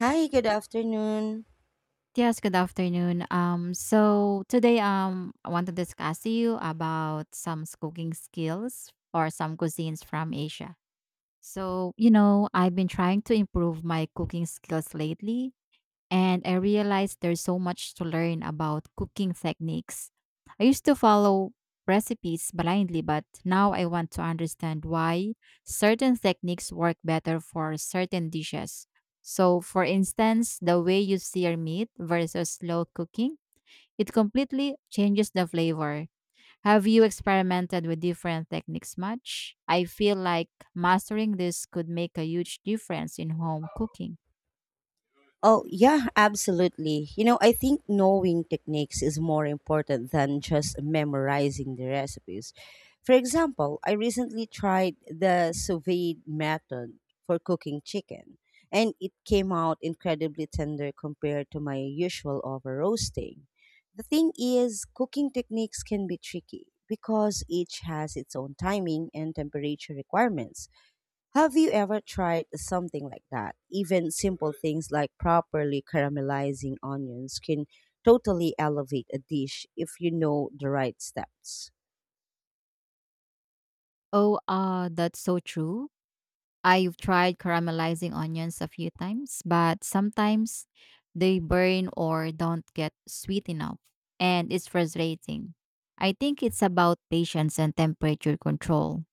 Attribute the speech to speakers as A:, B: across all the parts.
A: Hi, good afternoon.
B: Yes, good afternoon. So today I want to discuss to you about some cooking skills or some cuisines from Asia. So, you know, I've been trying to improve my cooking skills lately and I realized there's so much to learn about cooking techniques. I used to follow recipes blindly, but now I want to understand why certain techniques work better for certain dishes. So, for instance, the way you sear meat versus slow cooking, it completely changes the flavor. Have you experimented with different techniques much? I feel like mastering this could make a huge difference in home cooking.
A: Oh, yeah, absolutely. You know, I think knowing techniques is more important than just memorizing the recipes. For example, I recently tried the sous vide method for cooking chicken, and it came out incredibly tender compared to my usual over roasting. The thing is, cooking techniques can be tricky because each has its own timing and temperature requirements. Have you ever tried something like that? Even simple things like properly caramelizing onions can totally elevate a dish if you know the right steps.
B: Oh, that's so true. I've tried caramelizing onions a few times, but sometimes they burn or don't get sweet enough, and it's frustrating. I think it's about patience and temperature control.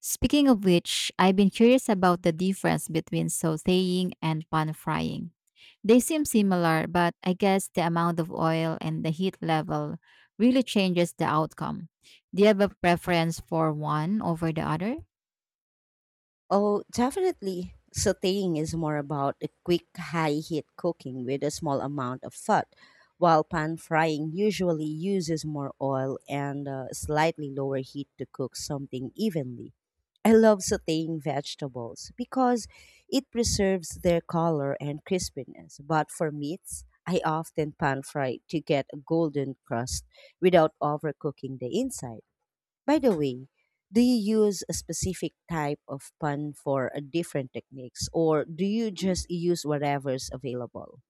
B: Speaking of which, I've been curious about the difference between sauteing and pan frying. They seem similar, but I guess the amount of oil and the heat level really changes the outcome. Do you have a preference for one over the other?
A: Oh, definitely. Sauteing is more about a quick high heat cooking with a small amount of fat, while pan frying usually uses more oil and a slightly lower heat to cook something evenly. I love sauteing vegetables because it preserves their color and crispiness, but for meats, I often pan fry to get a golden crust without overcooking the inside. By the way, do you use a specific type of pun for a different techniques or do you just use whatever's available?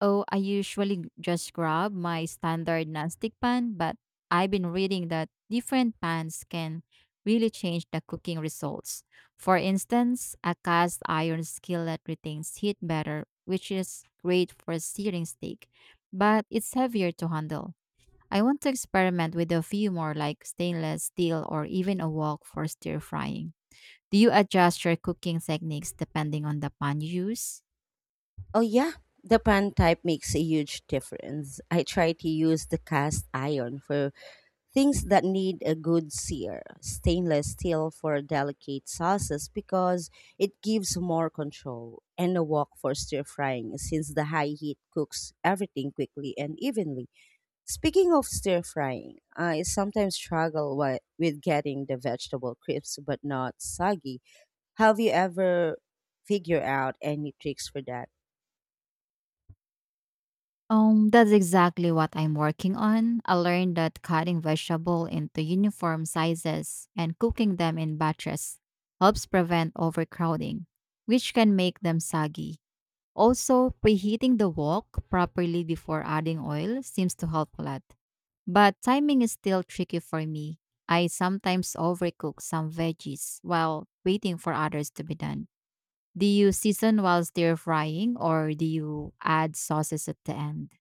B: Oh, I usually just grab my standard non-stick pan, but I've been reading that different pans can really change the cooking results. For instance, a cast iron skillet retains heat better, which is great for searing steak, but it's heavier to handle. I want to experiment with a few more like stainless steel or even a wok for stir frying. Do you adjust your cooking techniques depending on the pan you use?
A: Oh yeah, the pan type makes a huge difference. I try to use the cast iron for things that need a good sear, stainless steel for delicate sauces because it gives more control, and a wok for stir frying since the high heat cooks everything quickly and evenly. Speaking of stir frying, I sometimes struggle with getting the vegetable crisp but not soggy. Have you ever figured out any tricks for that?
B: That's exactly what I'm working on. I learned that cutting vegetable into uniform sizes and cooking them in batches helps prevent overcrowding, which can make them soggy. Also, preheating the wok properly before adding oil seems to help a lot. But timing is still tricky for me. I sometimes overcook some veggies while waiting for others to be done. Do you season while stir frying or do you add sauces at the end?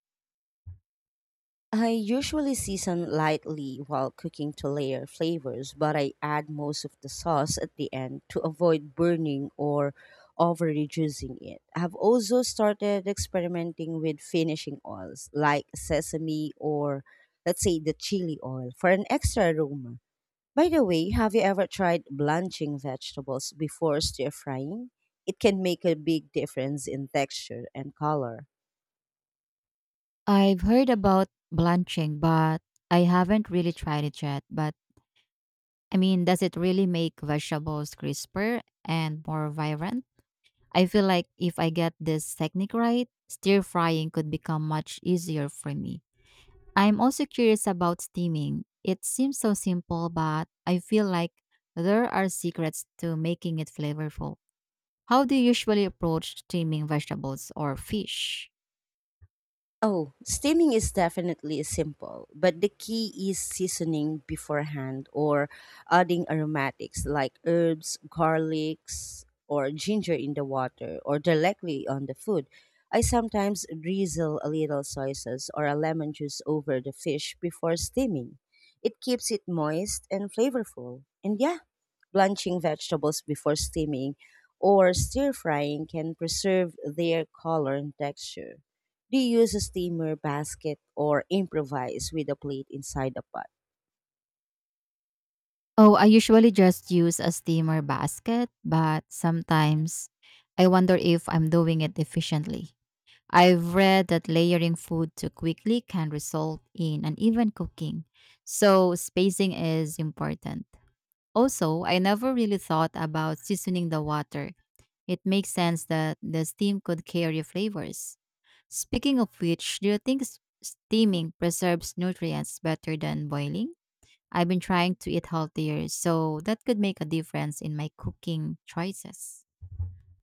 A: I usually season lightly while cooking to layer flavors, but I add most of the sauce at the end to avoid burning or over reducing it. I've also started experimenting with finishing oils like sesame or let's say the chili oil for an extra aroma. By the way, have you ever tried blanching vegetables before stir frying? It can make a big difference in texture and color.
B: I've heard about blanching, but I haven't really tried it yet. But I mean, does it really make vegetables crisper and more vibrant? I feel like if I get this technique right, stir frying could become much easier for me. I'm also curious about steaming. It seems so simple, but I feel like there are secrets to making it flavorful. How do you usually approach steaming vegetables or fish?
A: Oh, steaming is definitely simple, but the key is seasoning beforehand or adding aromatics like herbs, garlics, or ginger in the water or directly on the food. I sometimes drizzle a little soy sauce or a lemon juice over the fish before steaming. It keeps it moist and flavorful. And yeah, blanching vegetables before steaming, or stir frying can preserve their color and texture. Do you use a steamer basket or improvise with a plate inside the pot?
B: Oh, I usually just use a steamer basket, but sometimes I wonder if I'm doing it efficiently. I've read that layering food too quickly can result in uneven cooking, so spacing is important. Also, I never really thought about seasoning the water. It makes sense that the steam could carry flavors. Speaking of which, do you think steaming preserves nutrients better than boiling? I've been trying to eat healthier, so that could make a difference in my cooking choices.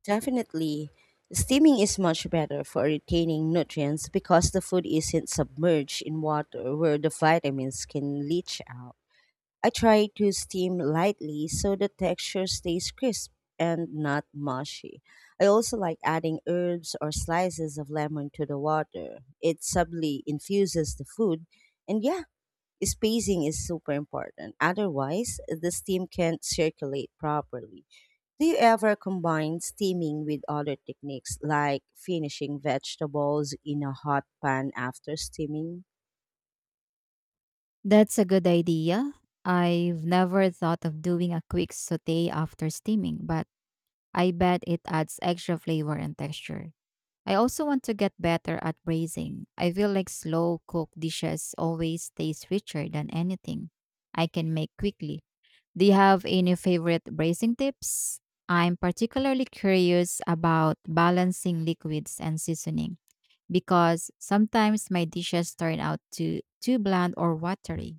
A: Definitely, steaming is much better for retaining nutrients because the food isn't submerged in water where the vitamins can leach out. I try to steam lightly so the texture stays crisp and not mushy. I also like adding herbs or slices of lemon to the water. It subtly infuses the food. And yeah, spacing is super important. Otherwise, the steam can't circulate properly. Do you ever combine steaming with other techniques like finishing vegetables in a hot pan after steaming?
B: That's a good idea. I've never thought of doing a quick saute after steaming, but I bet it adds extra flavor and texture. I also want to get better at braising. I feel like slow cooked dishes always taste richer than anything I can make quickly. Do you have any favorite braising tips? I'm particularly curious about balancing liquids and seasoning. Because sometimes my dishes turn out to too bland or watery.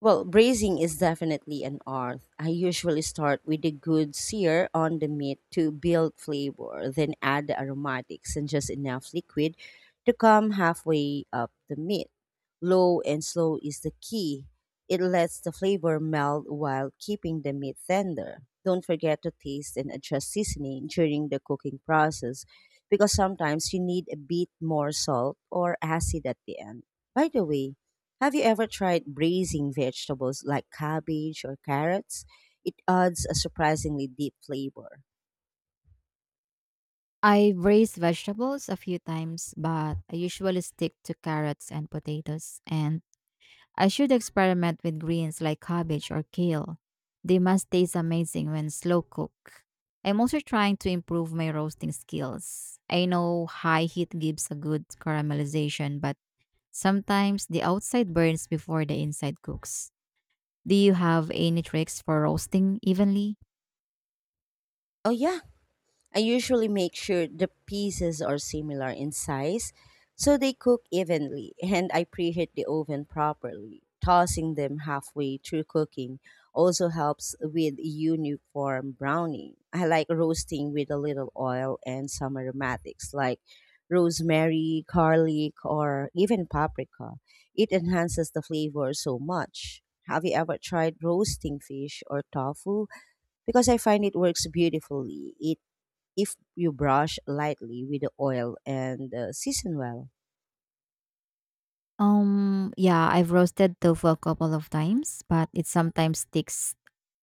A: Well, braising is definitely an art. I usually start with a good sear on the meat to build flavor, then add the aromatics and just enough liquid to come halfway up the meat. Low and slow is the key. It lets the flavor melt while keeping the meat tender. Don't forget to taste and adjust seasoning during the cooking process because sometimes you need a bit more salt or acid at the end. By the way, have you ever tried braising vegetables like cabbage or carrots? It adds a surprisingly deep flavor.
B: I braise vegetables a few times, but I usually stick to carrots and potatoes, and I should experiment with greens like cabbage or kale. They must taste amazing when slow cooked. I'm also trying to improve my roasting skills. I know high heat gives a good caramelization, but sometimes the outside burns before the inside cooks. Do you have any tricks for roasting evenly?
A: Oh, yeah. I usually make sure the pieces are similar in size so they cook evenly, and I preheat the oven properly. Tossing them halfway through cooking also helps with uniform browning. I like roasting with a little oil and some aromatics like rosemary, garlic, or even paprika. It enhances the flavor so much. Have you ever tried roasting fish or tofu? Because I find it works beautifully. It if you brush lightly with the oil and season well.
B: Yeah, I've roasted tofu a couple of times, but it sometimes sticks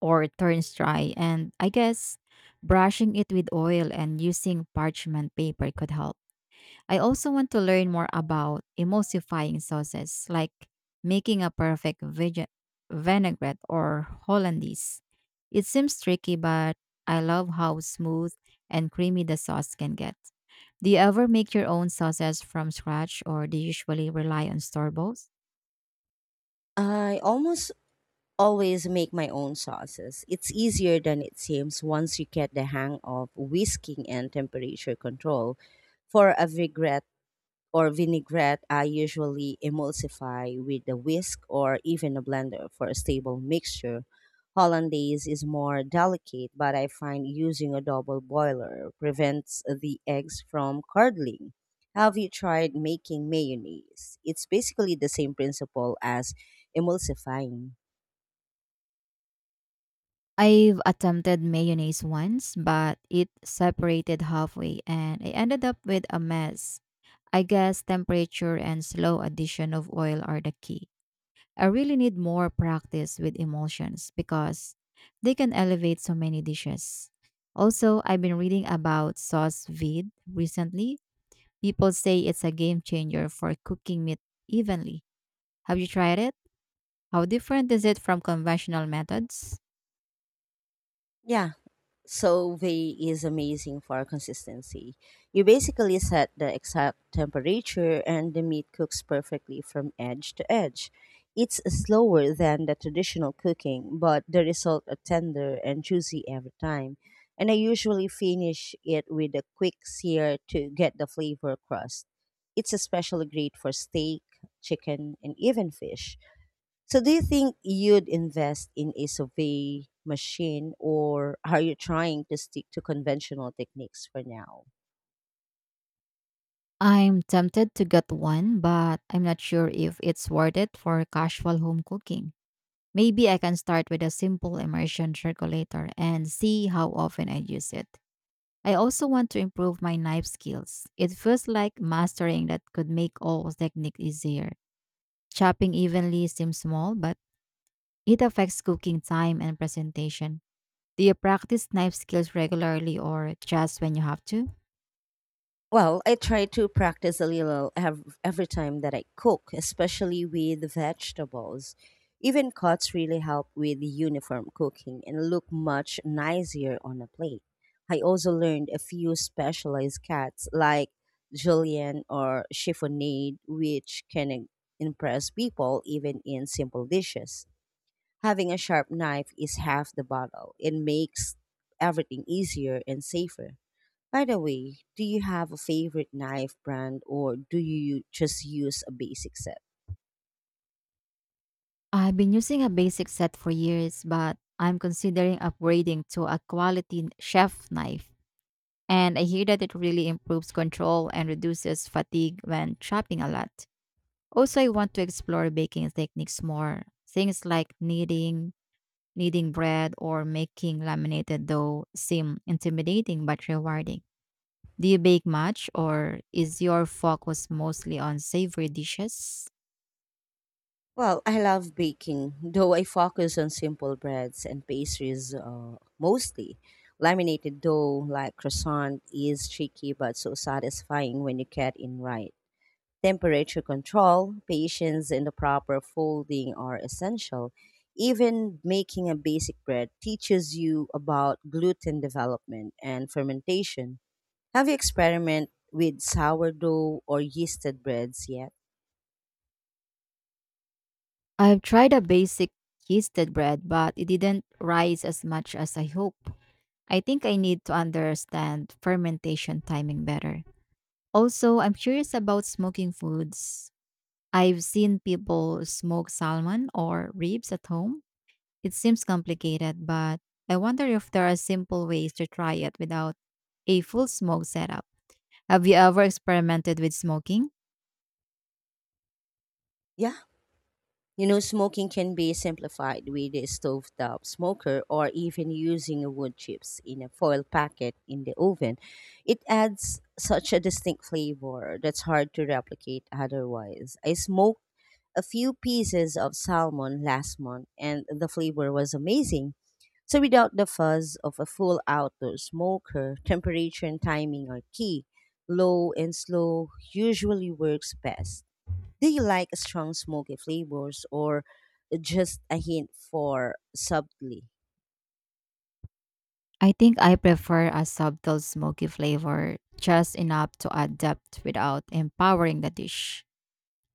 B: or turns dry, and I guess brushing it with oil and using parchment paper could help. I also want to learn more about emulsifying sauces, like making a perfect vinaigrette or hollandaise. It seems tricky, but I love how smooth and creamy the sauce can get. Do you ever make your own sauces from scratch or do you usually rely on store bought?
A: I almost always make my own sauces. It's easier than it seems once you get the hang of whisking and temperature control. For a vinaigrette, or vinaigrette, I usually emulsify with a whisk or even a blender for a stable mixture. Hollandaise is more delicate, but I find using a double boiler prevents the eggs from curdling. Have you tried making mayonnaise? It's basically the same principle as emulsifying.
B: I've attempted mayonnaise once, but it separated halfway and I ended up with a mess. I guess temperature and slow addition of oil are the key. I really need more practice with emulsions because they can elevate so many dishes. Also, I've been reading about sauce vide recently. People say it's a game changer for cooking meat evenly. Have you tried it? How different is it from conventional methods?
A: Yeah, Solvay is amazing for consistency. You basically set the exact temperature and the meat cooks perfectly from edge to edge. It's slower than the traditional cooking, but the result are tender and juicy every time. And I usually finish it with a quick sear to get the flavor crust. It's especially great for steak, chicken, and even fish. So do you think you'd invest in a survey machine or are you trying to stick to conventional techniques for now?
B: I'm tempted to get one, but I'm not sure if it's worth it for casual home cooking. Maybe I can start with a simple immersion circulator and see how often I use it. I also want to improve my knife skills. It feels like mastering that could make all technique easier. Chopping evenly seems small, but it affects cooking time and presentation. Do you practice knife skills regularly or just when you have to?
A: Well, I try to practice a little every time that I cook, especially with vegetables. Even cuts really help with uniform cooking and look much nicer on a plate. I also learned a few specialized cuts like julienne or chiffonade, which impress people even in simple dishes. Having a sharp knife is half the battle. It makes everything easier and safer. By the way, do you have a favorite knife brand or do you just use a basic set?
B: I've been using a basic set for years, but I'm considering upgrading to a quality chef knife. And I hear that it really improves control and reduces fatigue when chopping a lot. Also, I want to explore baking techniques more. Things like kneading, kneading bread or making laminated dough seem intimidating but rewarding. Do you bake much or is your focus mostly on savory dishes?
A: Well, I love baking, though I focus on simple breads and pastries mostly. Laminated dough like croissant is tricky but so satisfying when you get it right. Temperature control, patience, and the proper folding are essential. Even making a basic bread teaches you about gluten development and fermentation. Have you experimented with sourdough or yeasted breads yet?
B: I've tried a basic yeasted bread, but it didn't rise as much as I hoped. I think I need to understand fermentation timing better. Also, I'm curious about smoking foods. I've seen people smoke salmon or ribs at home. It seems complicated, but I wonder if there are simple ways to try it without a full smoke setup. Have you ever experimented with smoking?
A: Yeah. You know, smoking can be simplified with a stovetop smoker or even using a wood chips in a foil packet in the oven. It adds such a distinct flavor that's hard to replicate otherwise. I smoke a few pieces of salmon last month, and the flavor was amazing. So, without the fuzz of a full outdoor smoker, temperature and timing are key. Low and slow usually works best. Do you like strong smoky flavors or just a hint for subtly?
B: I think I prefer a subtle smoky flavor, just enough to add depth without empowering the dish.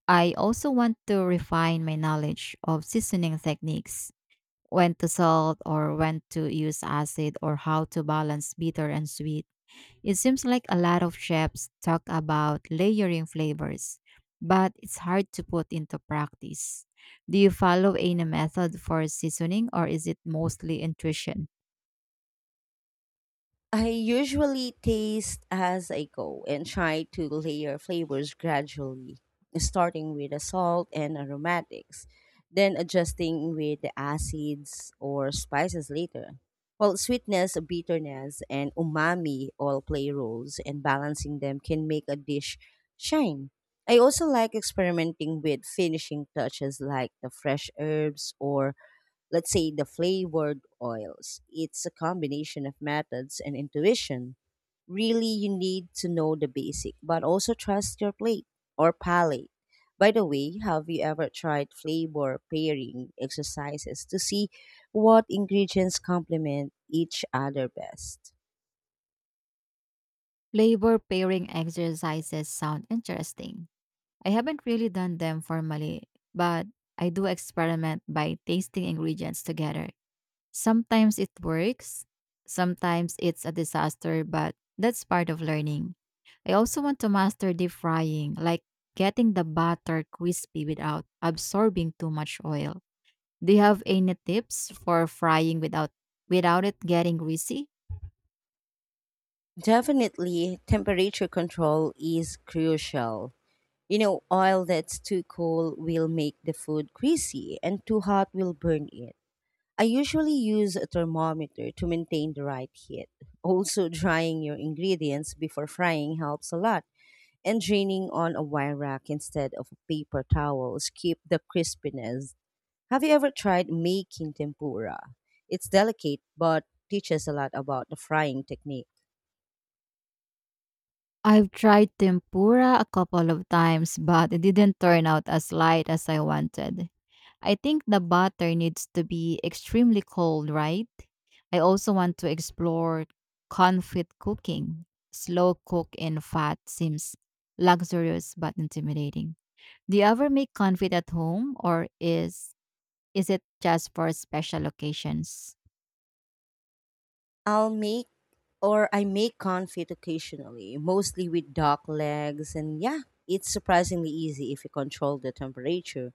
B: I also want to refine my knowledge of seasoning techniques, when to salt or when to use acid, or how to balance bitter and sweet. It seems like a lot of chefs talk about layering flavors, but it's hard to put into practice. Do you follow any method for seasoning or is it mostly intuition?
A: I usually taste as I go and try to layer flavors gradually, starting with the salt and aromatics, then adjusting with the acids or spices later. While sweetness, bitterness, and umami all play roles, and balancing them can make a dish shine. I also like experimenting with finishing touches like the fresh herbs or let's say the flavored oils. It's a combination of methods and intuition. Really, you need to know the basic, but also trust your plate or palate. By the way, have you ever tried flavor pairing exercises to see what ingredients complement each other best?
B: Flavor pairing exercises sound interesting. I haven't really done them formally, but I do experiment by tasting ingredients together. Sometimes it works, sometimes it's a disaster, but that's part of learning. I also want to master deep frying, like getting the batter crispy without absorbing too much oil. Do you have any tips for frying without it getting greasy?
A: Definitely, temperature control is crucial. You know, oil that's too cold will make the food greasy, and too hot will burn it. I usually use a thermometer to maintain the right heat. Also, drying your ingredients before frying helps a lot, and draining on a wire rack instead of paper towels keep the crispiness. Have you ever tried making tempura? It's delicate but teaches a lot about the frying technique.
B: I've tried tempura a couple of times, but it didn't turn out as light as I wanted. I think the batter needs to be extremely cold, right? I also want to explore confit cooking. Slow cook in fat seems luxurious but intimidating. Do you ever make confit at home or is it just for special occasions?
A: I'll make Or I make confit occasionally, mostly with duck legs. And yeah, it's surprisingly easy if you control the temperature.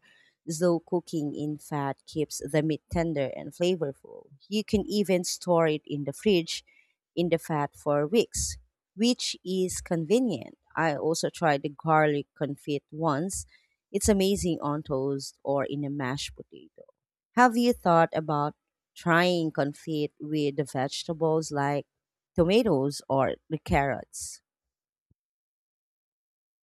A: Slow cooking in fat keeps the meat tender and flavorful. You can even store it in the fridge in the fat for weeks, which is convenient. I also tried the garlic confit once. It's amazing on toast or in a mashed potato. Have you thought about trying confit with the vegetables like tomatoes or carrots?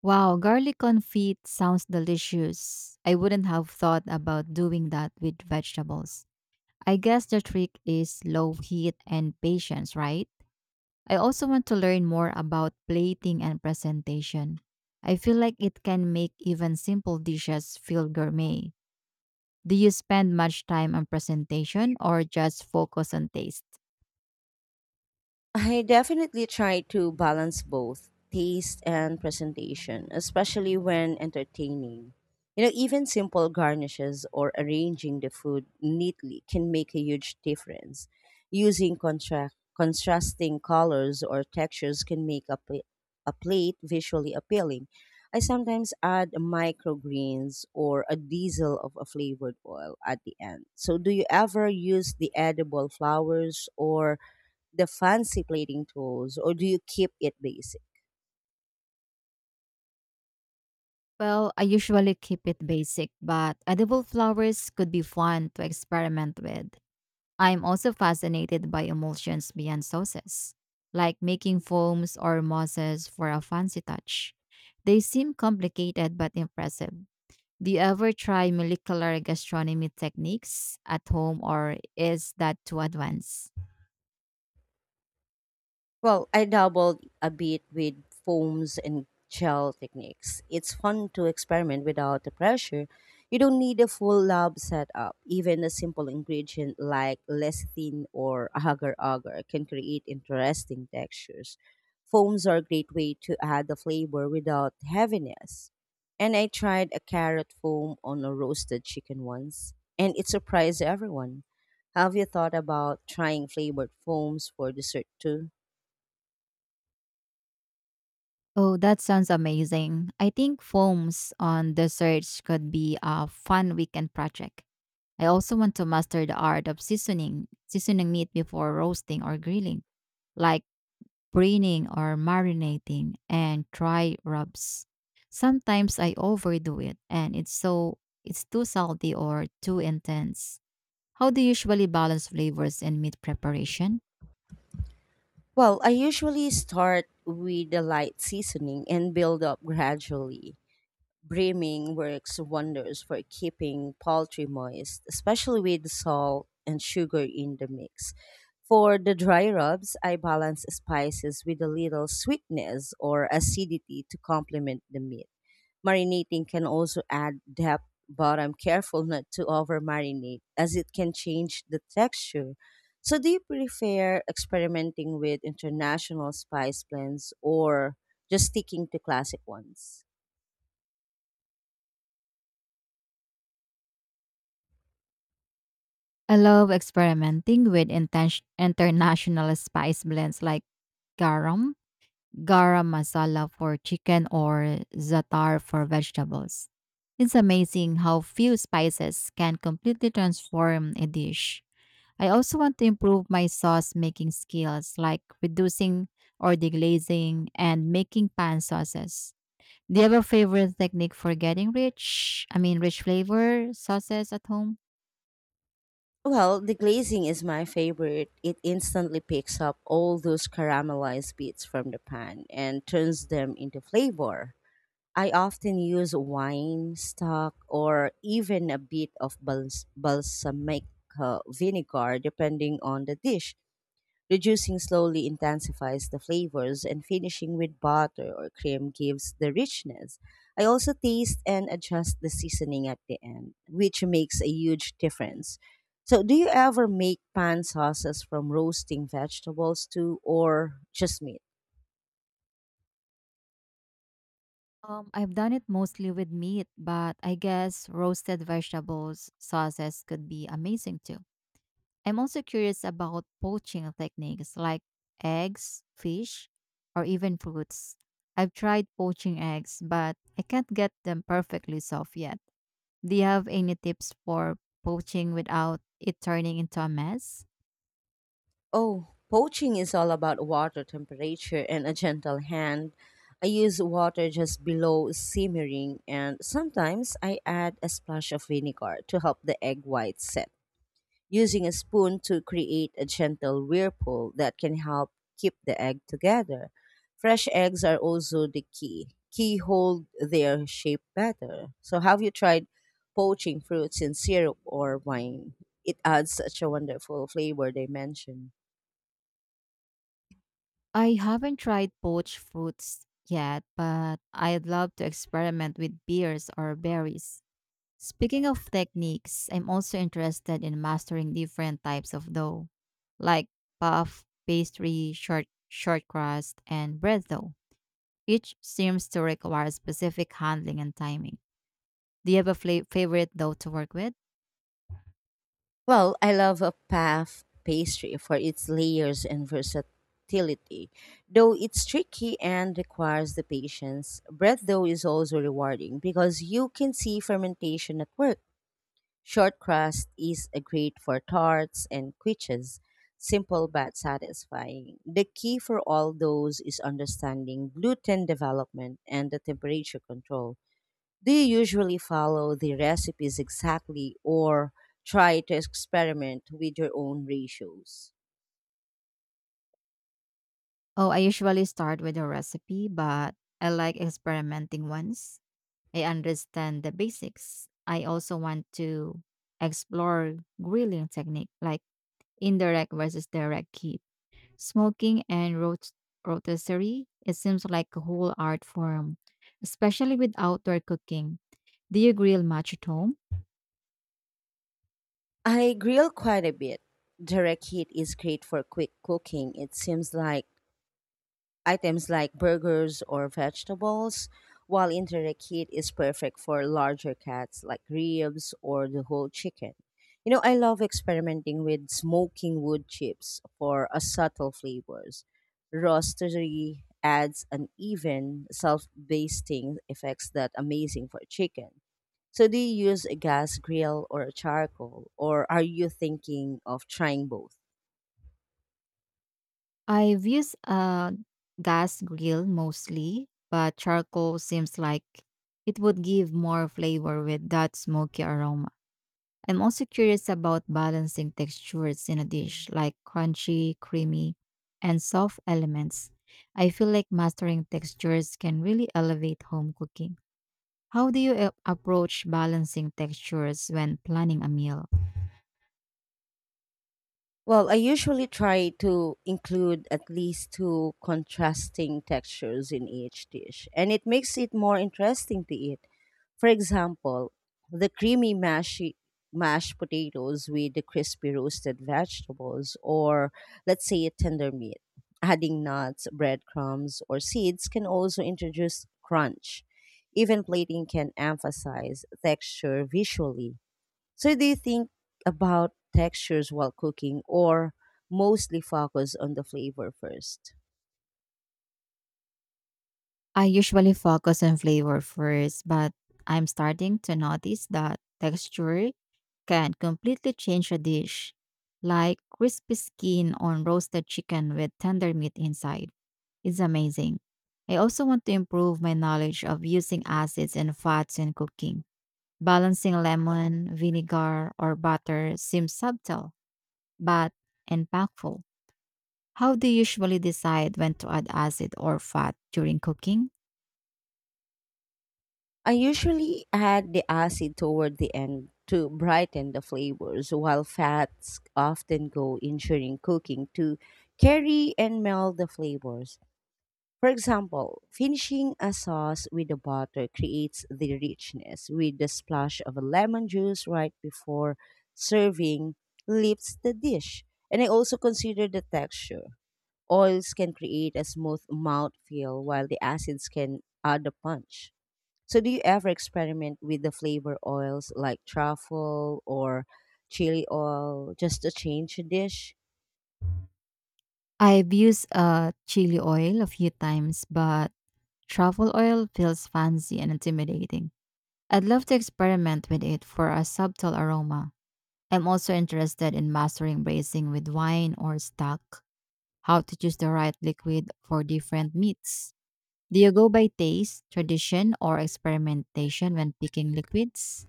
B: Wow, garlic confit sounds delicious. I wouldn't have thought about doing that with vegetables. I guess the trick is low heat and patience, right? I also want to learn more about plating and presentation. I feel like it can make even simple dishes feel gourmet. Do you spend much time on presentation or just focus on taste?
A: I definitely try to balance both taste and presentation, especially when entertaining. You know, even simple garnishes or arranging the food neatly can make a huge difference. Using contrasting colors or textures can make a plate visually appealing. I sometimes add microgreens or a diesel of a flavored oil at the end. So, do you ever use the edible flowers or the fancy plating tools or do you keep it basic?
B: Well, I usually keep it basic, but edible flowers could be fun to experiment with. I'm also fascinated by emulsions beyond sauces, like making foams or mosses for a fancy touch. They seem complicated but impressive. Do you ever try molecular gastronomy techniques at home or is that too advanced?
A: Well, I dabbled a bit with foams and gel techniques. It's fun to experiment without the pressure. You don't need a full lab setup. Even a simple ingredient like lecithin or agar-agar can create interesting textures. Foams are a great way to add the flavor without heaviness. And I tried a carrot foam on a roasted chicken once, and it surprised everyone. Have you thought about trying flavored foams for dessert too?
B: Oh, that sounds amazing. I think foams on desserts could be a fun weekend project. I also want to master the art of seasoning, seasoning meat before roasting or grilling, like Brining or marinating, and dry rubs. Sometimes I overdo it and it's too salty or too intense. How do you usually balance flavors in meat preparation?
A: Well, I usually start with a light seasoning and build up gradually. Brimming works wonders for keeping poultry moist, especially with salt and sugar in the mix. For the dry rubs, I balance spices with a little sweetness or acidity to complement the meat. Marinating can also add depth, but I'm careful not to over marinate as it can change the texture. So, do you prefer experimenting with international spice blends or just sticking to classic ones?
B: I love experimenting with international spice blends like garam, garam masala for chicken or za'atar for vegetables. It's amazing how few spices can completely transform a dish. I also want to improve my sauce making skills, like reducing or deglazing and making pan sauces. Do you have a favorite technique for getting rich flavor sauces at home?
A: Well, the glazing is my favorite. It instantly picks up all those caramelized bits from the pan and turns them into flavor. I often use wine stock or even a bit of balsamic vinegar depending on the dish. Reducing slowly intensifies the flavors, and finishing with butter or cream gives the richness. I also taste and adjust the seasoning at the end, which makes a huge difference. So, do you ever make pan sauces from roasting vegetables too, or just meat?
B: I've done it mostly with meat, but I guess roasted vegetables sauces could be amazing too. I'm also curious about poaching techniques like eggs, fish, or even fruits. I've tried poaching eggs, but I can't get them perfectly soft yet. Do you have any tips for poaching without it turning into a mess?
A: Oh, poaching is all about water temperature and a gentle hand. I use water just below simmering, and sometimes I add a splash of vinegar to help the egg white set, using a spoon to create a gentle whirlpool that can help keep the egg together. Fresh eggs are also the key. Key hold their shape better. So, have you tried poaching fruits in syrup or wine? It adds such a wonderful flavor dimension.
B: I haven't tried poached fruits yet, but I'd love to experiment with beers or berries. Speaking of techniques, I'm also interested in mastering different types of dough, like puff, pastry, short crust, and bread dough. Each seems to require specific handling and timing. Do you have a favorite dough to work with?
A: Well, I love a puff pastry for its layers and versatility, though it's tricky and requires the patience. Bread dough is also rewarding because you can see fermentation at work. Short crust is a great for tarts and quiches, simple but satisfying. The key for all those is understanding gluten development and the temperature control. Do you usually follow the recipes exactly or try to experiment with your own ratios?
B: Oh, I usually start with a recipe, but I like experimenting once I understand the basics. I also want to explore grilling technique like indirect versus direct heat, smoking and rotisserie. It seems like a whole art form, especially with outdoor cooking. Do you grill much at home?
A: I grill quite a bit. Direct heat is great for quick cooking. It seems like items like burgers or vegetables, while indirect heat is perfect for larger cuts like ribs or the whole chicken. You know, I love experimenting with smoking wood chips for a subtle flavors. Roastery adds an even self-basting effects that amazing for chicken. So do you use a gas grill or a charcoal or are you thinking of trying both?
B: I've used a gas grill mostly, but charcoal seems like it would give more flavor with that smoky aroma. I'm also curious about balancing textures in a dish, like crunchy, creamy, and soft elements. I feel like mastering textures can really elevate home cooking. How do you approach balancing textures when planning a meal?
A: Well, I usually try to include at least two contrasting textures in each dish, and it makes it more interesting to eat. For example, the creamy mashy, mashed potatoes with the crispy roasted vegetables, or let's say a tender meat. Adding nuts, breadcrumbs, or seeds can also introduce crunch. Even plating can emphasize texture visually. So do you think about textures while cooking or mostly focus on the flavor first?
B: I usually focus on flavor first, but I'm starting to notice that texture can completely change a dish, like crispy skin on roasted chicken with tender meat inside. It's amazing. I also want to improve my knowledge of using acids and fats in cooking. Balancing lemon, vinegar, or butter seems subtle, but impactful. How do you usually decide when to add acid or fat during cooking?
A: I usually add the acid toward the end to brighten the flavors while fats often go in during cooking to carry and melt the flavors. For example, finishing a sauce with the butter creates the richness with the splash of a lemon juice right before serving lifts the dish. And I also consider the texture. Oils can create a smooth mouthfeel while the acids can add a punch. So, do you ever experiment with the flavor oils like truffle or chili oil just to change a dish?
B: I've used chili oil a few times, but truffle oil feels fancy and intimidating. I'd love to experiment with it for a subtle aroma. I'm also interested in mastering braising with wine or stock, how to choose the right liquid for different meats. Do you go by taste, tradition, or experimentation when picking liquids?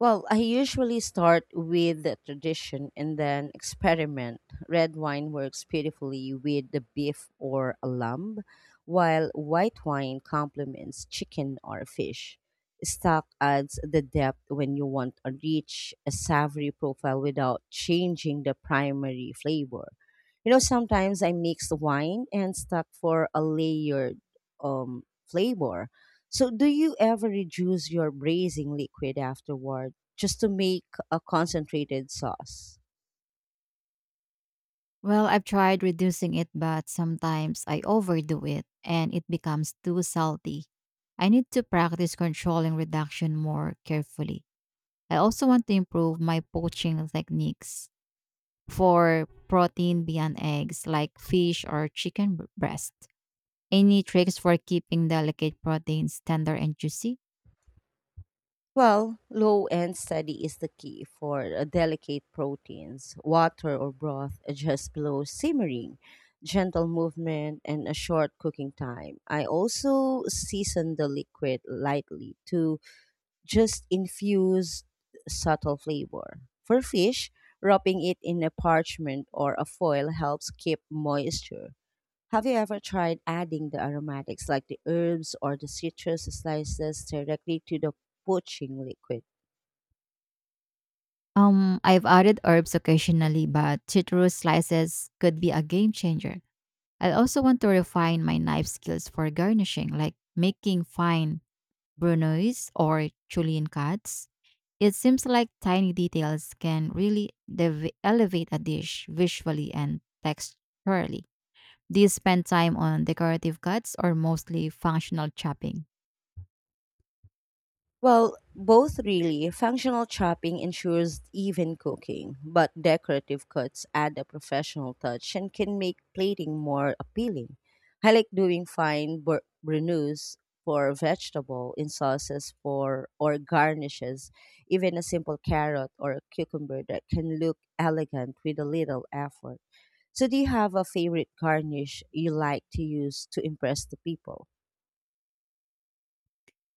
A: Well, I usually start with the tradition and then experiment. Red wine works beautifully with the beef or a lamb, while white wine complements chicken or fish. Stock adds the depth when you want a rich, a savory profile without changing the primary flavor. You know, sometimes I mix the wine and stock for a layered flavor. So, do you ever reduce your braising liquid afterwards? Just to make a concentrated sauce?
B: Well, I've tried reducing it, but sometimes I overdo it and it becomes too salty. I need to practice controlling reduction more carefully. I also want to improve my poaching techniques. For protein beyond eggs, like fish or chicken breast? Any tricks for keeping delicate proteins tender and juicy?
A: Well, low and steady is the key for delicate proteins. Water or broth just below simmering, gentle movement, and a short cooking time. I also season the liquid lightly to just infuse subtle flavor. For fish, wrapping it in a parchment or a foil helps keep moisture. Have you ever tried adding the aromatics like the herbs or the citrus slices directly to the poaching liquid?
B: I've added herbs occasionally, but citrus slices could be a game changer. I also want to refine my knife skills for garnishing, like making fine brunoise or julienne cuts. It seems like tiny details can really elevate a dish visually and texturally. Do you spend time on decorative cuts or mostly functional chopping?
A: Well, both really. Functional chopping ensures even cooking, but decorative cuts add a professional touch and can make plating more appealing. I like doing fine brunoise for vegetable in sauces for or garnishes, even a simple carrot or a cucumber that can look elegant with a little effort. So do you have a favorite garnish you like to use to impress the people?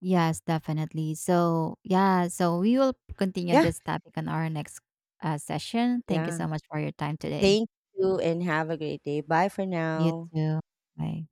B: Yes, definitely. So, yeah, so we will continue
A: Yeah.
B: this topic on our next session. Thank you
A: Yeah.
B: so much for your time today.
A: Thank you and have a great day. Bye for
B: You
A: now.
B: too. Bye.